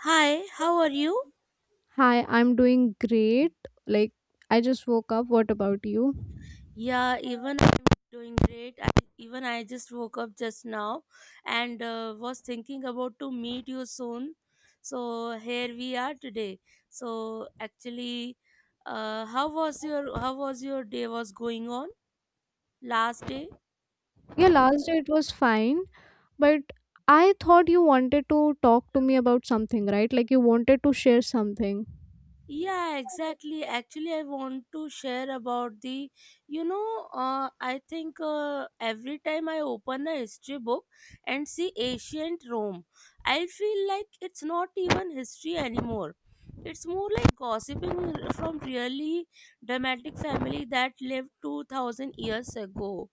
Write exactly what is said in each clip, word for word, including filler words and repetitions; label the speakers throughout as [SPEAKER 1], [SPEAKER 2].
[SPEAKER 1] Hi, how are you?
[SPEAKER 2] Hi, I'm doing great. Like, I just woke up. What about you?
[SPEAKER 1] Yeah, even I'm doing great. I, even I just woke up just now and uh, was thinking about to meet you soon. So here we are today. So actually, uh, how was your how was your day was going on last day?
[SPEAKER 2] Yeah, last day it was fine, but I thought you wanted to talk to me about something, right? Like, you wanted to share something.
[SPEAKER 1] Yeah, exactly. Actually, I want to share about the, you know, uh, I think uh, every time I open a history book and see ancient Rome, I feel like it's not even history anymore. It's more like gossiping from really dramatic family that lived two thousand years ago.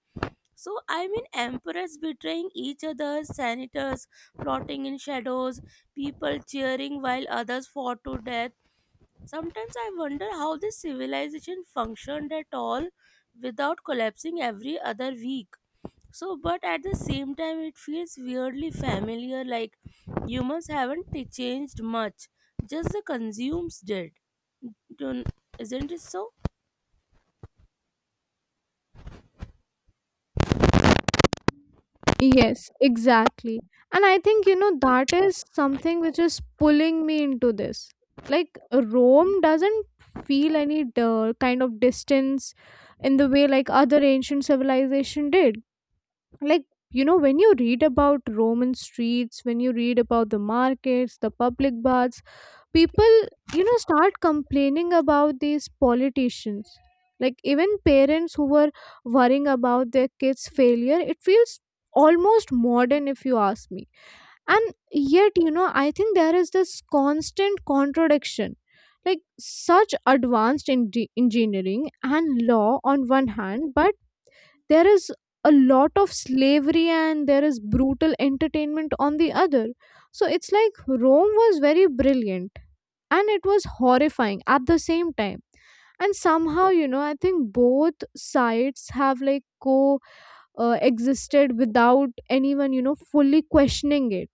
[SPEAKER 1] So, I mean, emperors betraying each other, senators plotting in shadows, people cheering while others fought to death. Sometimes I wonder how this civilization functioned at all without collapsing every other week. So, but at the same time, it feels weirdly familiar, like humans haven't t- changed much, just the consumes did. Don't, Isn't it so?
[SPEAKER 2] Yes, exactly. And I think, you know, that is something which is pulling me into this. Like, Rome doesn't feel any uh, kind of distance in the way like other ancient civilization did. Like, you know, when you read about Roman streets, when you read about the markets, the public baths, people, you know, start complaining about these politicians, like even parents who were worrying about their kids failure, it feels almost modern if you ask me. And yet, you know, I think there is this constant contradiction, like such advanced in- engineering and law on one hand, but there is a lot of slavery and there is brutal entertainment on the other. So it's like Rome was very brilliant and it was horrifying at the same time. And somehow, you know, I think both sides have like co uh, existed without anyone, you know, fully questioning it.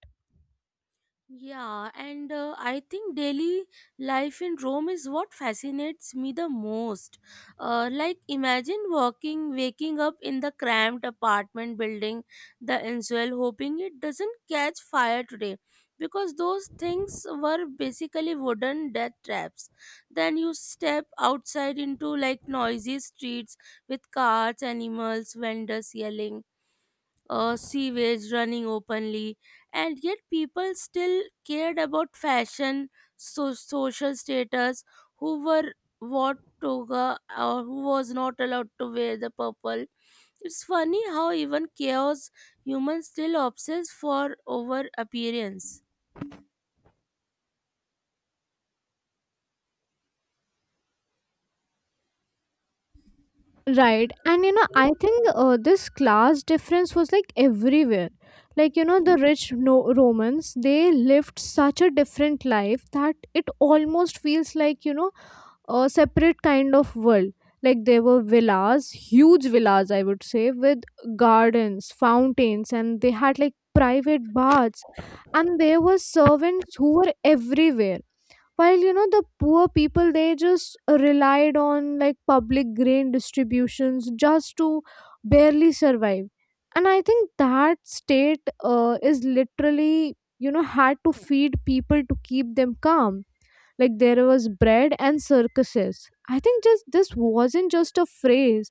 [SPEAKER 1] Yeah, and uh, I think daily life in Rome is what fascinates me the most. Uh, like, imagine walking, waking up in the cramped apartment building, the Insuel, hoping it doesn't catch fire today, because those things were basically wooden death traps. Then you step outside into like noisy streets with cars, animals, vendors yelling, uh, sewage running openly, and yet people still cared about fashion, so- social status, who were what toga or who was not allowed to wear the purple. It's funny how even chaos humans still obsess for over appearance.
[SPEAKER 2] Right. And you know, I think uh, this class difference was like everywhere. Like, you know, the rich no- Romans, they lived such a different life that it almost feels like, you know, a separate kind of world. Like, there were villas, huge villas, I would say, with gardens, fountains, and they had like private baths. And there were servants who were everywhere, while, you know, the poor people, they just relied on like public grain distributions just to barely survive. And I think that state uh, is literally, you know, had to feed people to keep them calm. Like there was bread and circuses. I think just this wasn't just a phrase,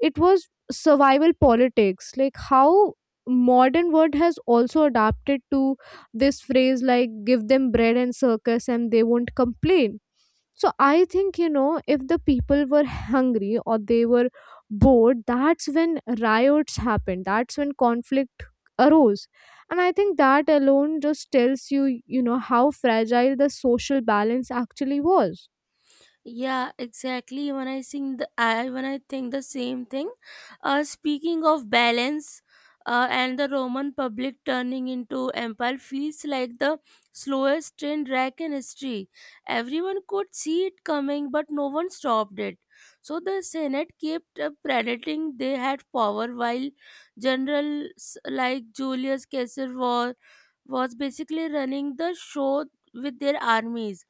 [SPEAKER 2] it was survival politics, like how modern world has also adapted to this phrase, like give them bread and circus and they won't complain. So I think, you know, if the people were hungry or they were bored, that's when riots happened. That's when conflict arose. And I think that alone just tells you, you know, how fragile the social balance actually was.
[SPEAKER 1] Yeah, exactly. When I sing the I when I think the same thing. Uh, speaking of balance, uh, and the Roman public turning into empire feels like the slowest train wreck in history. Everyone could see it coming, but no one stopped it. So the Senate kept uh, pretending they had power, while generals like Julius Caesar was was basically running the show with their armies.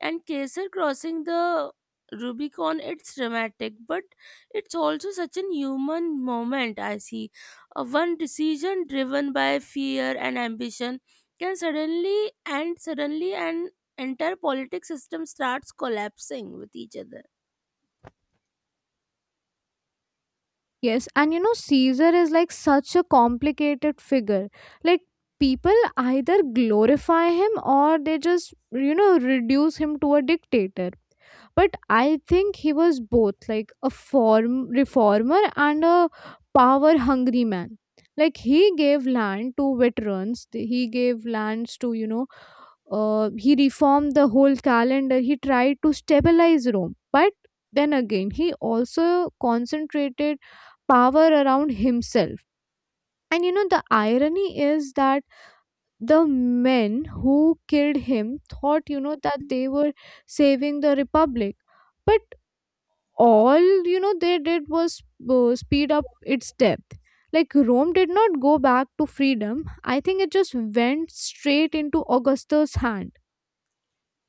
[SPEAKER 1] And Caesar crossing the Rubicon, it's dramatic, but it's also such an human moment. I see. Uh, one decision driven by fear and ambition can suddenly and suddenly an entire politics system starts collapsing with each other.
[SPEAKER 2] Yes, and you know, Caesar is like such a complicated figure. Like, people either glorify him or they just, you know, reduce him to a dictator. But I think he was both like a form reformer and a power hungry man. Like, he gave land to veterans, th- he gave lands to, you know, uh, he reformed the whole calendar, he tried to stabilize Rome. But then again, he also concentrated power around himself. And you know, the irony is that the men who killed him thought, you know, that they were saving the republic. But all, you know, they did was uh, speed up its depth. Like, Rome did not go back to freedom. I think it just went straight into Augustus' hand.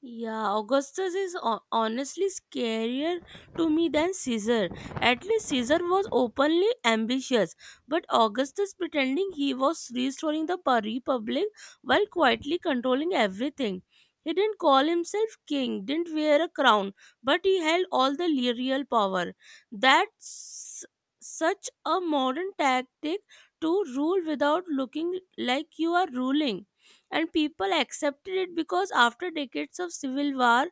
[SPEAKER 1] Yeah, Augustus is ho- honestly scarier to me than Caesar. At least Caesar was openly ambitious, but Augustus pretending he was restoring the pa- republic while quietly controlling everything. He didn't call himself king, didn't wear a crown, but he held all the le- real power. That's such a modern tactic to rule without looking like you are ruling, and people accepted it because after decades of civil war,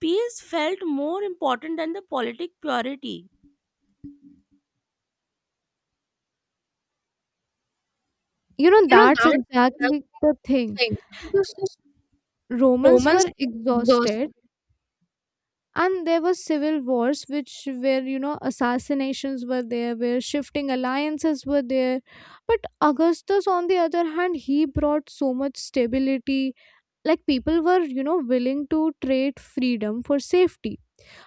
[SPEAKER 1] peace felt more important than the politic purity.
[SPEAKER 2] You know,
[SPEAKER 1] You know,
[SPEAKER 2] that's
[SPEAKER 1] that's
[SPEAKER 2] exactly the
[SPEAKER 1] a
[SPEAKER 2] thing.
[SPEAKER 1] thing
[SPEAKER 2] Because
[SPEAKER 1] because
[SPEAKER 2] Romans
[SPEAKER 1] Romans
[SPEAKER 2] were
[SPEAKER 1] exhausted.
[SPEAKER 2] exhausted and there were civil wars which, where, you know, assassinations were there, where shifting alliances were there. But Augustus, on the other hand, he brought so much stability. Like people were, you know, willing to trade freedom for safety.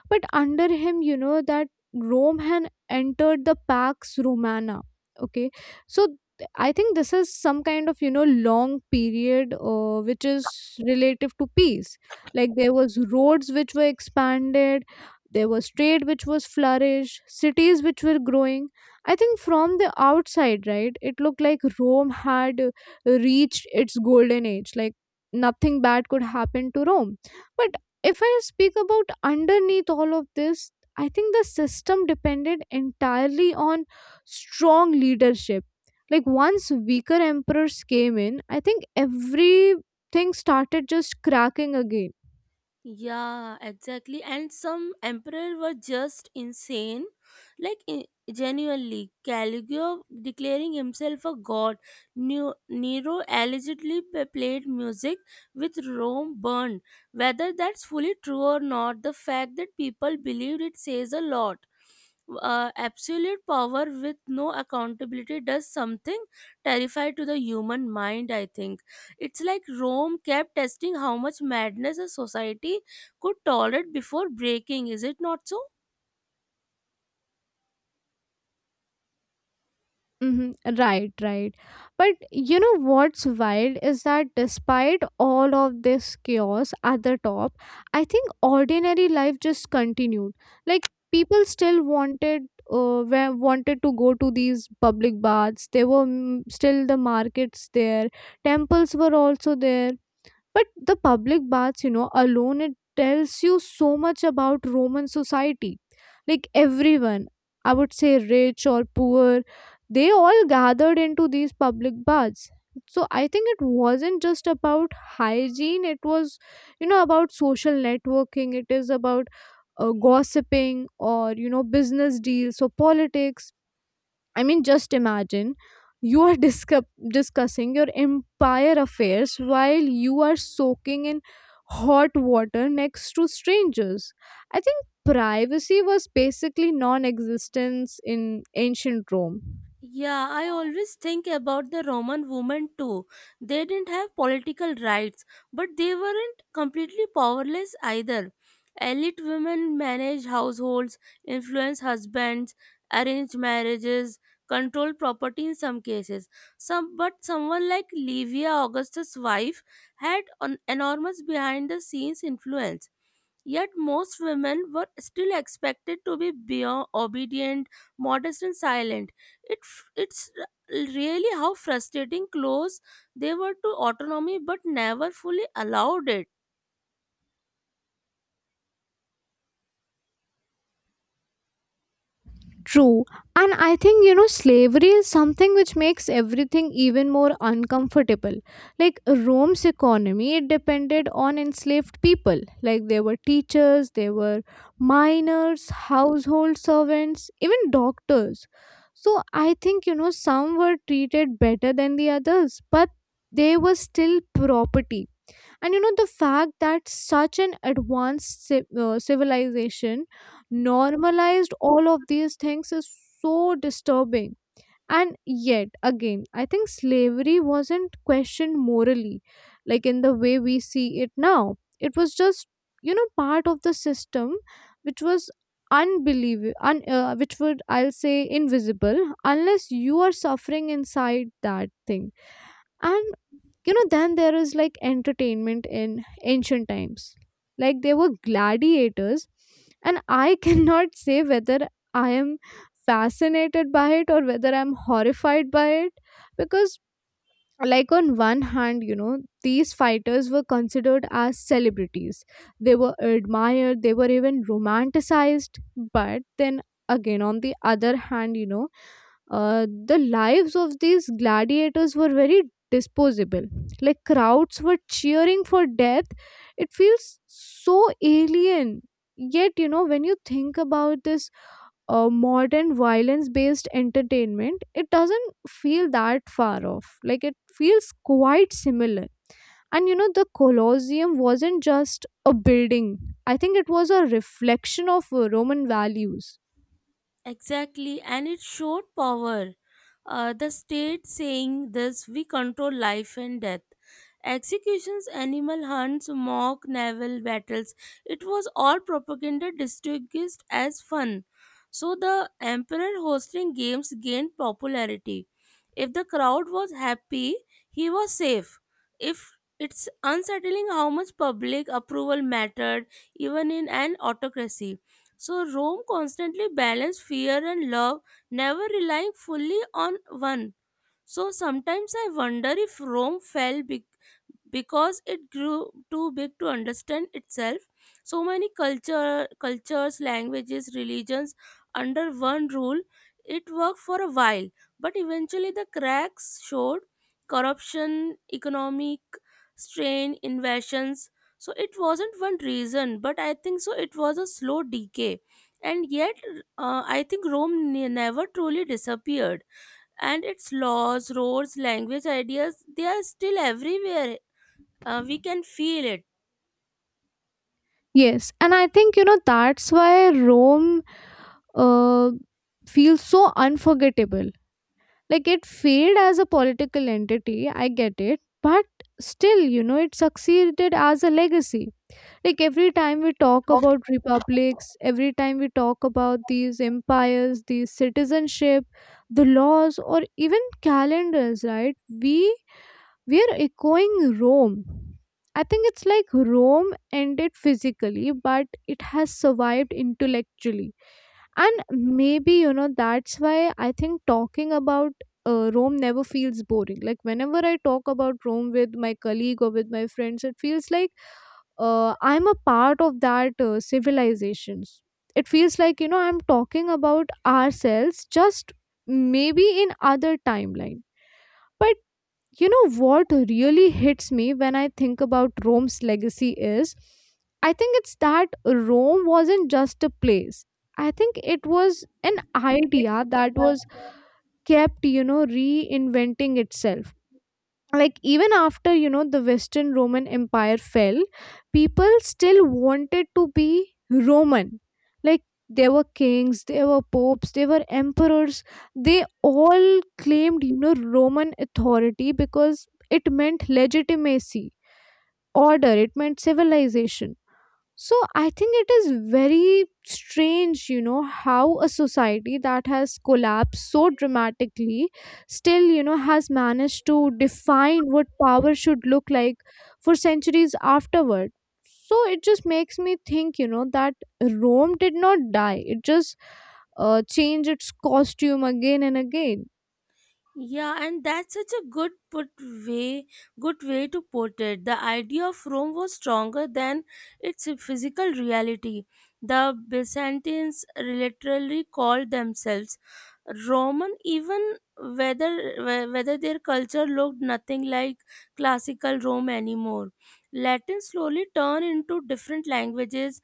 [SPEAKER 2] But under him, you know, that Rome had entered the Pax Romana. Okay. So th- I think this is some kind of, you know, long period uh, which is relative to peace. Like there was roads which were expanded, there was trade which was flourished, cities which were growing. I think from the outside, right, it looked like Rome had uh, reached its golden age. Like nothing bad could happen to Rome. But if I speak about underneath all of this, I think the system depended entirely on strong leadership. Like once weaker emperors came in, I think everything started just cracking again.
[SPEAKER 1] Yeah, exactly. And some emperors were just insane, like i- genuinely. Caligula declaring himself a god. Neo- Nero allegedly p- played music with Rome burned. Whether that's fully true or not, the fact that people believed it says a lot. Uh, absolute power with no accountability does something terrifying to the human mind, I think. It's like Rome kept testing how much madness a society could tolerate before breaking, is it not so?
[SPEAKER 2] Hmm Right, right. But you know what's wild is that despite all of this chaos at the top, I think ordinary life just continued. Like people still wanted, uh, were- wanted to go to these public baths. There were mm, still the markets there. Temples were also there. But the public baths, you know, alone, it tells you so much about Roman society. Like everyone, I would say rich or poor, they all gathered into these public baths. So I think it wasn't just about hygiene, it was, you know, about social networking, it is about uh, gossiping or, you know, business deals or politics. I mean, just imagine you are discup- discussing your empire affairs while you are soaking in hot water next to strangers. I think privacy was basically non existence in ancient Rome.
[SPEAKER 1] Yeah, I always think about the Roman women too. They didn't have political rights, but they weren't completely powerless either. Elite women managed households, influence husbands, arrange marriages, control property in some cases. Some, but someone like Livia, Augusta's wife, had an enormous behind the scenes influence. Yet most women were still expected to be beyond obedient, modest, and silent. It, f- it's really how frustrating close they were to autonomy but never fully allowed it.
[SPEAKER 2] True. And I think, you know, slavery is something which makes everything even more uncomfortable. Like Rome's economy, it depended on enslaved people. Like there were teachers, there were miners, household servants, even doctors. So I think, you know, some were treated better than the others, but they were still property. And you know, the fact that such an advanced ci- uh, civilization normalized all of these things is so disturbing. And yet again, I think slavery wasn't questioned morally, like in the way we see it now. It was just, you know, part of the system, which was unbelievable un, uh, which would I'll say invisible unless you are suffering inside that thing. And you know, then there is like entertainment in ancient times. Like there were gladiators, and I cannot say whether I am fascinated by it or whether I'm horrified by it. Because, like on one hand, you know, these fighters were considered as celebrities, they were admired, they were even romanticized. But then again, on the other hand, you know, uh, the lives of these gladiators were very disposable. Like crowds were cheering for death. It feels so alien. Yet you know, when you think about this uh, modern violence based entertainment, it doesn't feel that far off. Like it feels quite similar. And you know, the Colosseum wasn't just a building, I think it was a reflection of uh, Roman values.
[SPEAKER 1] Exactly, and it showed power. Uh, the state saying this, we control life and death. Executions, animal hunts, mock naval battles. It was all propaganda disguised as fun. So the emperor hosting games gained popularity. If the crowd was happy, he was safe. If it's unsettling how much public approval mattered even in an autocracy. So Rome constantly balanced fear and love, never relying fully on one. So sometimes I wonder if Rome fell because it grew too big to understand itself, so many culture cultures, languages, religions under one rule. It worked for a while, but eventually the cracks showed: corruption, economic strain, invasions. So it wasn't one reason, but I think so, it was a slow decay. And yet, uh, I think Rome ne- never truly disappeared, and its laws, roads, language, ideas, they are still everywhere. Uh, we can feel it.
[SPEAKER 2] Yes, and I think you know that's why Rome uh, feels so unforgettable. Like it failed as a political entity, I get it, but still, you know, it succeeded as a legacy. Like every time we talk about republics, every time we talk about these empires, these citizenship, the laws, or even calendars, right, we we are echoing Rome. I think it's like Rome ended physically, but it has survived intellectually. And maybe, you know, that's why I think talking about uh, Rome never feels boring. Like, whenever I talk about Rome with my colleague or with my friends, it feels like uh, I'm a part of that uh, civilizations. It feels like, you know, I'm talking about ourselves, just maybe in other timeline. But you know what really hits me when I think about Rome's legacy is I think it's that Rome wasn't just a place. I think it was an idea that was
[SPEAKER 1] Yeah.
[SPEAKER 2] kept, you know, reinventing itself. Like even after, you know, the western Roman empire fell, people still wanted to be Roman. Like there were kings, there were popes, there were emperors, they all claimed, you know, Roman authority because it meant legitimacy, order, it meant civilization. So I think it is very strange, you know, how a society that has collapsed so dramatically still, you know, has managed to define what power should look like for centuries afterward. So it just makes me think, you know, that Rome did not die. It just uh, changed its costume again and again.
[SPEAKER 1] Yeah, and that's such a good put way good way to put it. The idea of Rome was stronger than its physical reality. The Byzantines literally called themselves Roman, even whether whe- whether their culture looked nothing like classical Rome anymore. Latin slowly turned into different languages,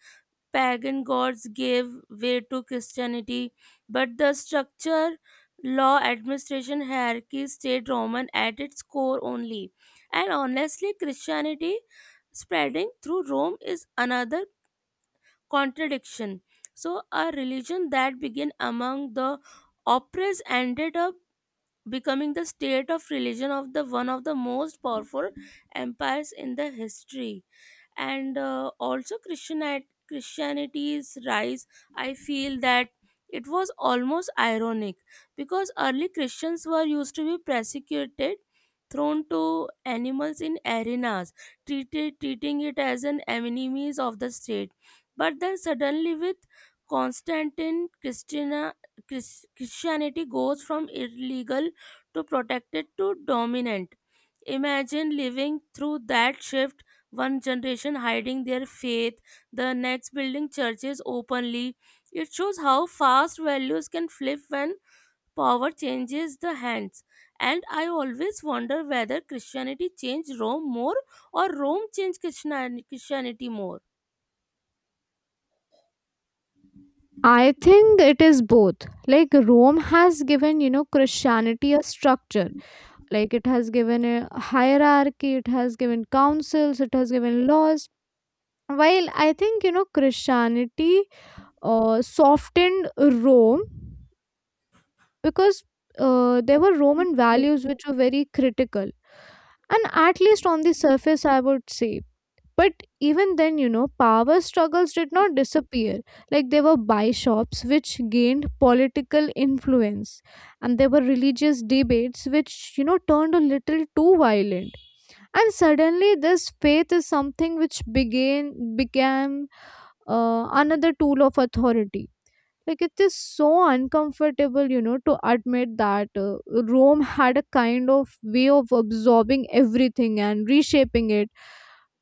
[SPEAKER 1] pagan gods gave way to Christianity, but the structure, law, administration, hierarchy stayed Roman at its core only. And honestly, Christianity spreading through Rome is another contradiction. So, a religion that began among the oppressed ended up becoming the state of religion of the one of the most powerful empires in the history. And uh, also Christianite, Christianity's rise, I feel that it was almost ironic because early Christians were used to be persecuted, thrown to animals in arenas, treated treating it as an enemies of the state. But then suddenly with Constantine, christina Chris- Christianity goes from illegal to protected to dominant. Imagine living through that shift, one generation hiding their faith, the next building churches openly. It shows how fast values can flip when power changes the hands. And I always wonder whether Christianity changed Rome more or Rome changed Christiani- Christianity more.
[SPEAKER 2] I think it is both. Like Rome has given, you know, Christianity a structure, like it has given a hierarchy, it has given councils, it has given laws. While I think, you know, Christianity uh, softened Rome, because uh, there were Roman values which were very critical, and at least on the surface I would say. But even then, you know, power struggles did not disappear. Like there were bishops which gained political influence, and there were religious debates which, you know, turned a little too violent. And suddenly this faith is something which began became uh, another tool of authority. Like it is so uncomfortable, you know, to admit that uh, Rome had a kind of way of absorbing everything and reshaping it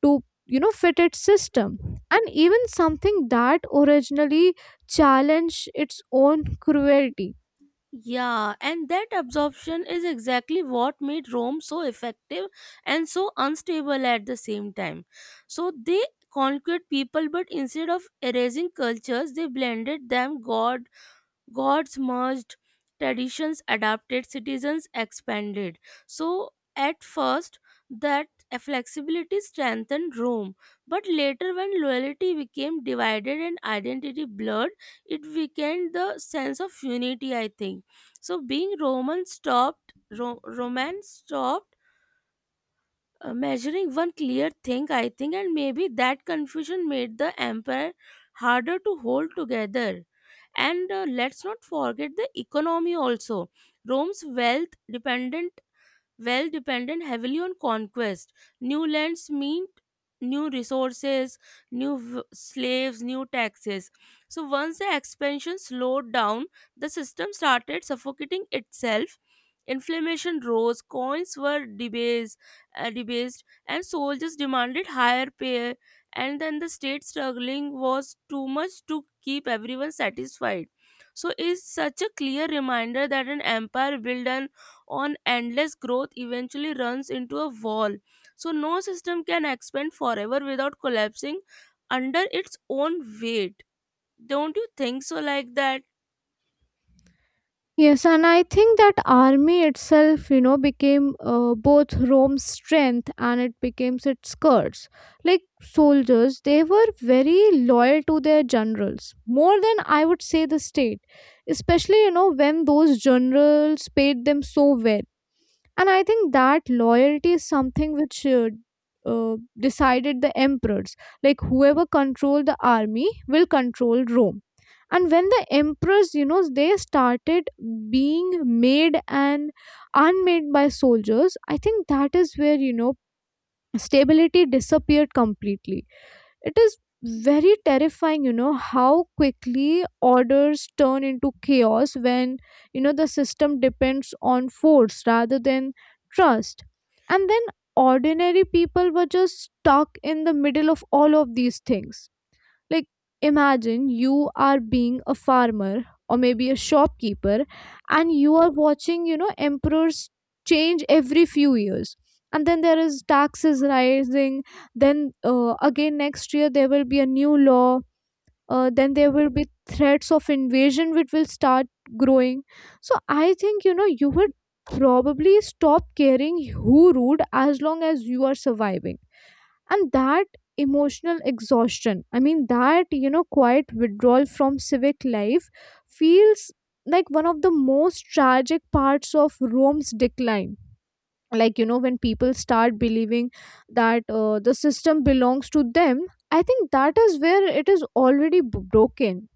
[SPEAKER 2] to, you know, fit its system, and even something that originally challenged its own cruelty.
[SPEAKER 1] Yeah, and that absorption is exactly what made Rome so effective and so unstable at the same time. So they conquered people, but instead of erasing cultures, they blended them, god gods merged, traditions adapted, citizens expanded. So, at first, that flexibility strengthened Rome, but later, when loyalty became divided and identity blurred, it weakened the sense of unity, I think. So, being Roman stopped, Ro- Roman stopped uh, measuring one clear thing, I think, and maybe that confusion made the empire harder to hold together. And uh, let's not forget the economy also. Rome's wealth dependent well dependent heavily on conquest. New lands meant new resources, new v- slaves, new taxes. So once the expansion slowed down, the system started suffocating itself. Inflammation rose, coins were debased, uh, debased, and soldiers demanded higher pay. And then the state struggling was too much to keep everyone satisfied. So it's such a clear reminder that an empire built on on endless growth eventually runs into a wall. So no system can expand forever without collapsing under its own weight. Don't you think so? Like that.
[SPEAKER 2] Yes, and I think that army itself, you know, became uh, both Rome's strength and it became its curse. Like soldiers, they were very loyal to their generals, more than I would say the state, especially, you know, when those generals paid them so well, and I think that loyalty is something which uh, uh, decided the emperors. Like whoever controlled the army will control Rome. And when the emperors, you know, they started being made and unmade by soldiers, I think that is where, you know, stability disappeared completely. It is very terrifying, you know, how quickly orders turn into chaos when, you know, the system depends on force rather than trust. And then ordinary people were just stuck in the middle of all of these things. Like, imagine you are being a farmer or maybe a shopkeeper, and you are watching, you know, emperors change every few years. And then there is taxes rising. Then uh, again, next year, there will be a new law. Uh, then there will be threats of invasion which will start growing. So I think, you know, you would probably stop caring who ruled as long as you are surviving, and that emotional exhaustion, I mean that, you know, quiet withdrawal from civic life feels like one of the most tragic parts of Rome's decline. Like, you know, when people start believing that uh, the system belongs to them, I think that is where it is already b- broken.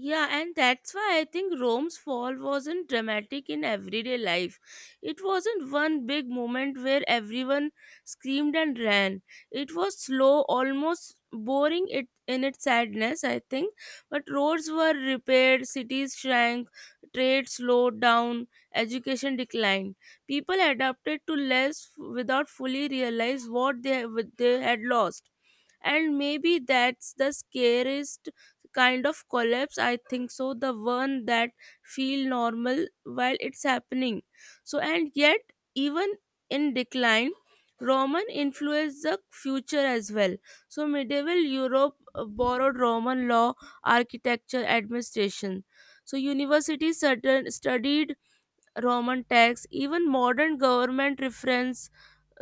[SPEAKER 1] Yeah, and that's why I think Rome's fall wasn't dramatic in everyday life. It wasn't one big moment where everyone screamed and ran. It was slow, almost boring it in its sadness, I think. But roads were repaired, cities shrank, trade slowed down, education declined. People adapted to less f- without fully realize what they, what they had lost, and maybe that's the scariest kind of collapse, I think so, the one that feel normal while it's happening. So and yet even in decline, Roman influenced the future as well. So medieval Europe uh, borrowed Roman law, architecture, administration. So universities certain- studied Roman texts, even modern government reference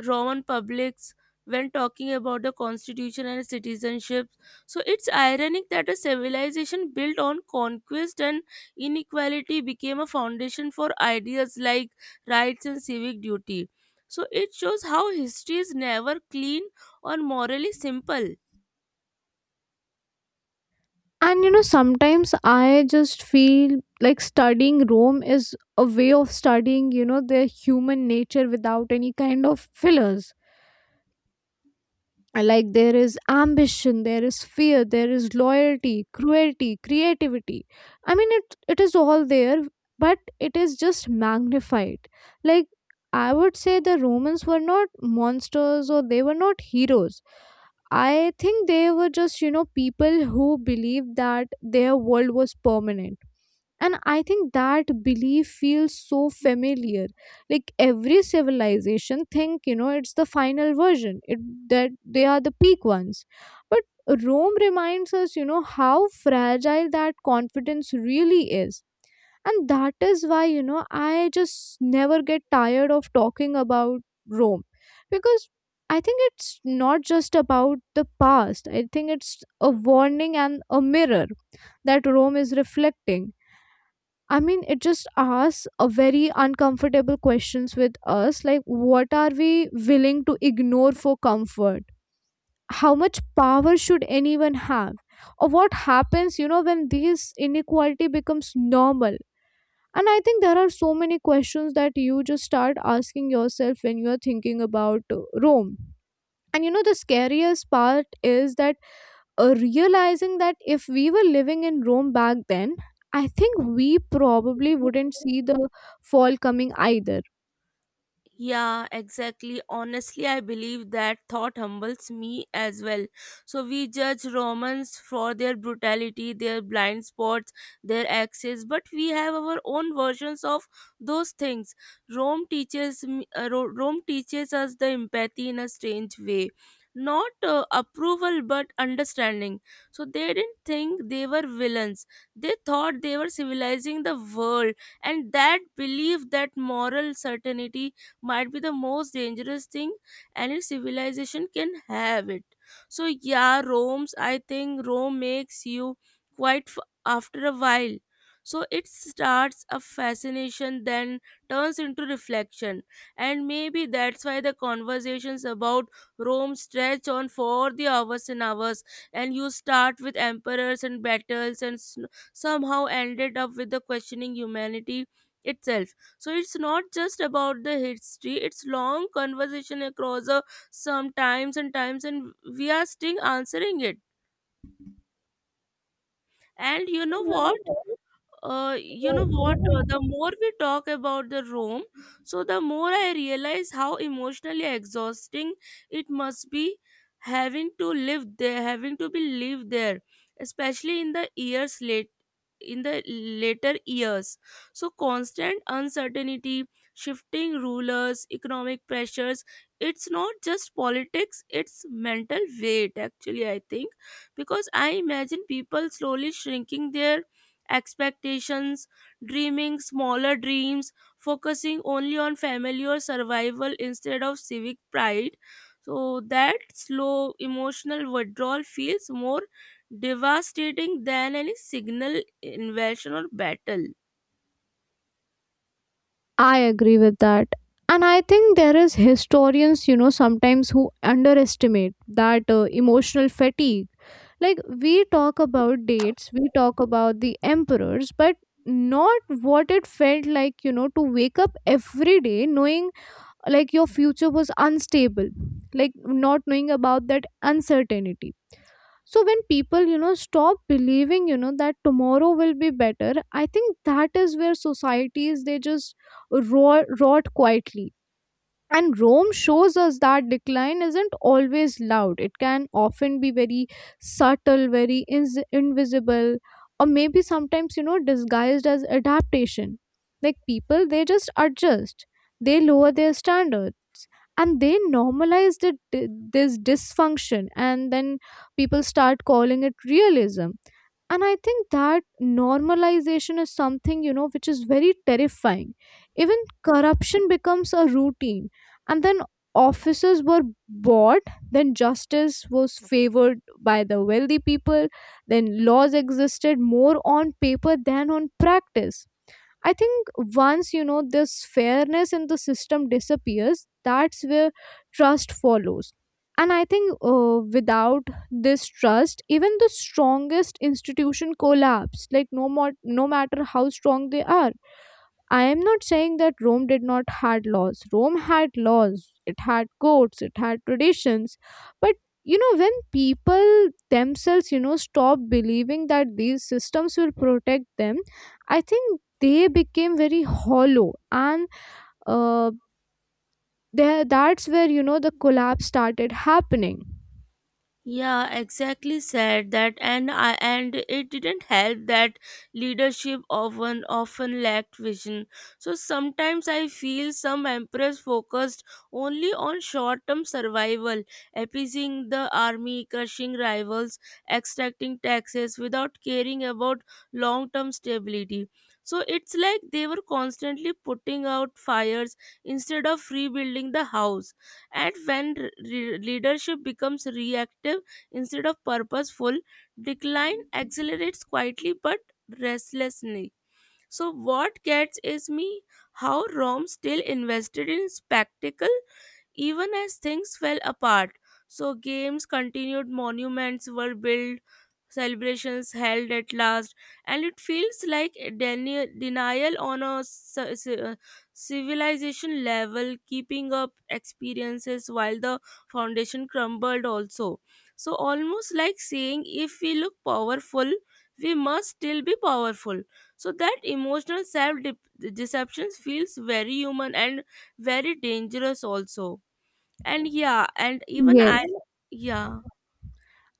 [SPEAKER 1] Roman publics when talking about the constitution and citizenship. So it's ironic that a civilization built on conquest and inequality became a foundation for ideas like rights and civic duty. So it shows how history is never clean or morally simple.
[SPEAKER 2] And you know, sometimes I just feel like studying Rome is a way of studying, you know, their human nature without any kind of fillers. Uh, like, there is ambition, there is fear, there is loyalty, cruelty, creativity. I mean, it it is all there, but it is just magnified. Like, I would say the Romans were not monsters, or they were not heroes. I think they were just, you know, people who believed that their world was permanent. And I think that belief feels so familiar. Like, every civilization think, you know, it's the final version, it, that they are the peak ones. But Rome reminds us, you know, how fragile that confidence really is. And that is why, you know, I just never get tired of talking about Rome, because I think it's not just about the past, I think it's a warning and a mirror that Rome is reflecting. I mean, it just asks a very uncomfortable questions with us, like what are we willing to ignore for comfort? How much power should anyone have? Or what happens, you know, when this inequality becomes normal? And I think there are so many questions that you just start asking yourself when you are thinking about uh, Rome. And you know, the scariest part is that uh, realizing that if we were living in Rome back then, I think we probably wouldn't see the fall coming either.
[SPEAKER 1] Yeah, exactly. Honestly, I believe that thought humbles me as well. So we judge Romans for their brutality, their blind spots, their axes, but we have our own versions of those things. Rome teaches me- uh, Ro- Rome teaches us the empathy in a strange way. Not uh, approval but understanding. So they didn't think they were villains. They thought they were civilizing the world, and that belief, that moral certainty, might be the most dangerous thing any civilization can have it. So yeah, Rome's, I think Rome makes you quite f- after a while. So it starts a fascination, then turns into reflection, and maybe that's why the conversations about Rome stretch on for the hours and hours. And you start with emperors and battles and s- somehow ended up with the questioning humanity itself. So it's not just about the history, it's long conversation across uh, some times and times, and we are still answering it. And you know what? Uh, you know what uh, the more we talk about the room, so the more I realize how emotionally exhausting it must be, having to live there, having to be live there especially in the years late in the later years. So constant uncertainty, shifting rulers, economic pressures, it's not just politics, it's mental weight actually, I think. Because I imagine people slowly shrinking their expectations, dreaming smaller dreams, focusing only on family or survival instead of civic pride. So that slow emotional withdrawal feels more devastating than any signal invasion or battle.
[SPEAKER 2] I agree with that. And I think there is historians, you know, sometimes who underestimate that uh, emotional fatigue. Like, we talk about dates, we talk about the emperors, but not what it felt like, you know, to wake up every day knowing like your future was unstable, like not knowing about that uncertainty. So when people, you know, stop believing, you know, that tomorrow will be better, I think that is where societies they just rot, rot quietly. And Rome shows us that decline isn't always loud, it can often be very subtle, very ins invisible, or maybe sometimes, you know, disguised as adaptation. Like, people they just adjust, they lower their standards, and they normalize the, this dysfunction. And then people start calling it realism. And I think that normalization is something, you know, which is very terrifying. Even corruption becomes a routine. And then officers were bought, then justice was favored by the wealthy people, then laws existed more on paper than on practice. I think once, you know, this fairness in the system disappears, that's where trust follows. And I think uh, without this trust, even the strongest institution collapse. Like no more, no matter how strong they are. I am not saying that Rome did not had laws. Rome had laws. It had codes. It had traditions. But you know, when people themselves, you know, stop believing that these systems will protect them, I think they became very hollow, and uh, there that's where, you know, the collapse started happening.
[SPEAKER 1] Yeah, exactly said that. And I, and it didn't help that leadership often often lacked vision. So sometimes I feel some emperors focused only on short-term survival, appeasing the army, crushing rivals, extracting taxes without caring about long-term stability. So it's like they were constantly putting out fires instead of rebuilding the house. And when re- leadership becomes reactive instead of purposeful, decline accelerates quietly but restlessly. So, what gets is me how Rome still invested in spectacle even as things fell apart. So games continued, monuments were built, celebrations held at last, and it feels like a deni- denial on a ci- ci- uh, civilization level, keeping up experiences while the foundation crumbled also. So almost like saying if we look powerful, we must still be powerful. So that emotional self deception feels very human and very dangerous also. And yeah, and even
[SPEAKER 2] Yes.
[SPEAKER 1] I, yeah.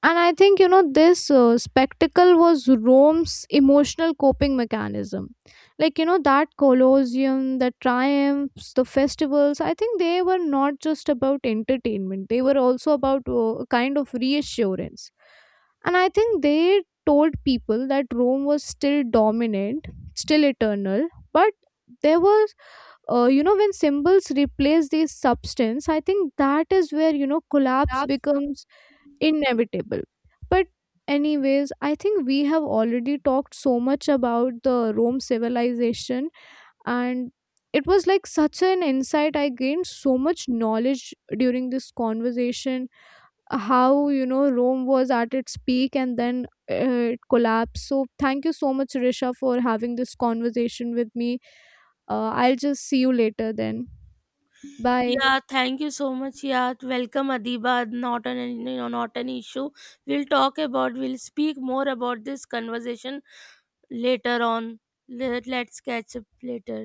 [SPEAKER 2] And I think, you know, this uh, spectacle was Rome's emotional coping mechanism. Like, you know, that Colosseum, the triumphs, the festivals, I think they were not just about entertainment, they were also about uh, a kind of reassurance. And I think they told people that Rome was still dominant, still eternal, but there was uh, you know, when symbols replace these substance, I think that is where, you know, collapse
[SPEAKER 1] Absolutely.
[SPEAKER 2] becomes inevitable. But, anyways, I think we have already talked so much about the Rome civilization, and it was like such an insight. I gained so much knowledge during this conversation how, you know, Rome was at its peak and then uh, it collapsed. So, thank you so much, Risha, for having this conversation with me. Uh, I'll just see you later then. Bye.
[SPEAKER 1] Yeah, thank you so much. Yeah, welcome Adiba. Not an you know, not an issue. We'll talk about. We'll speak more about this conversation later on. Let, let's catch up later.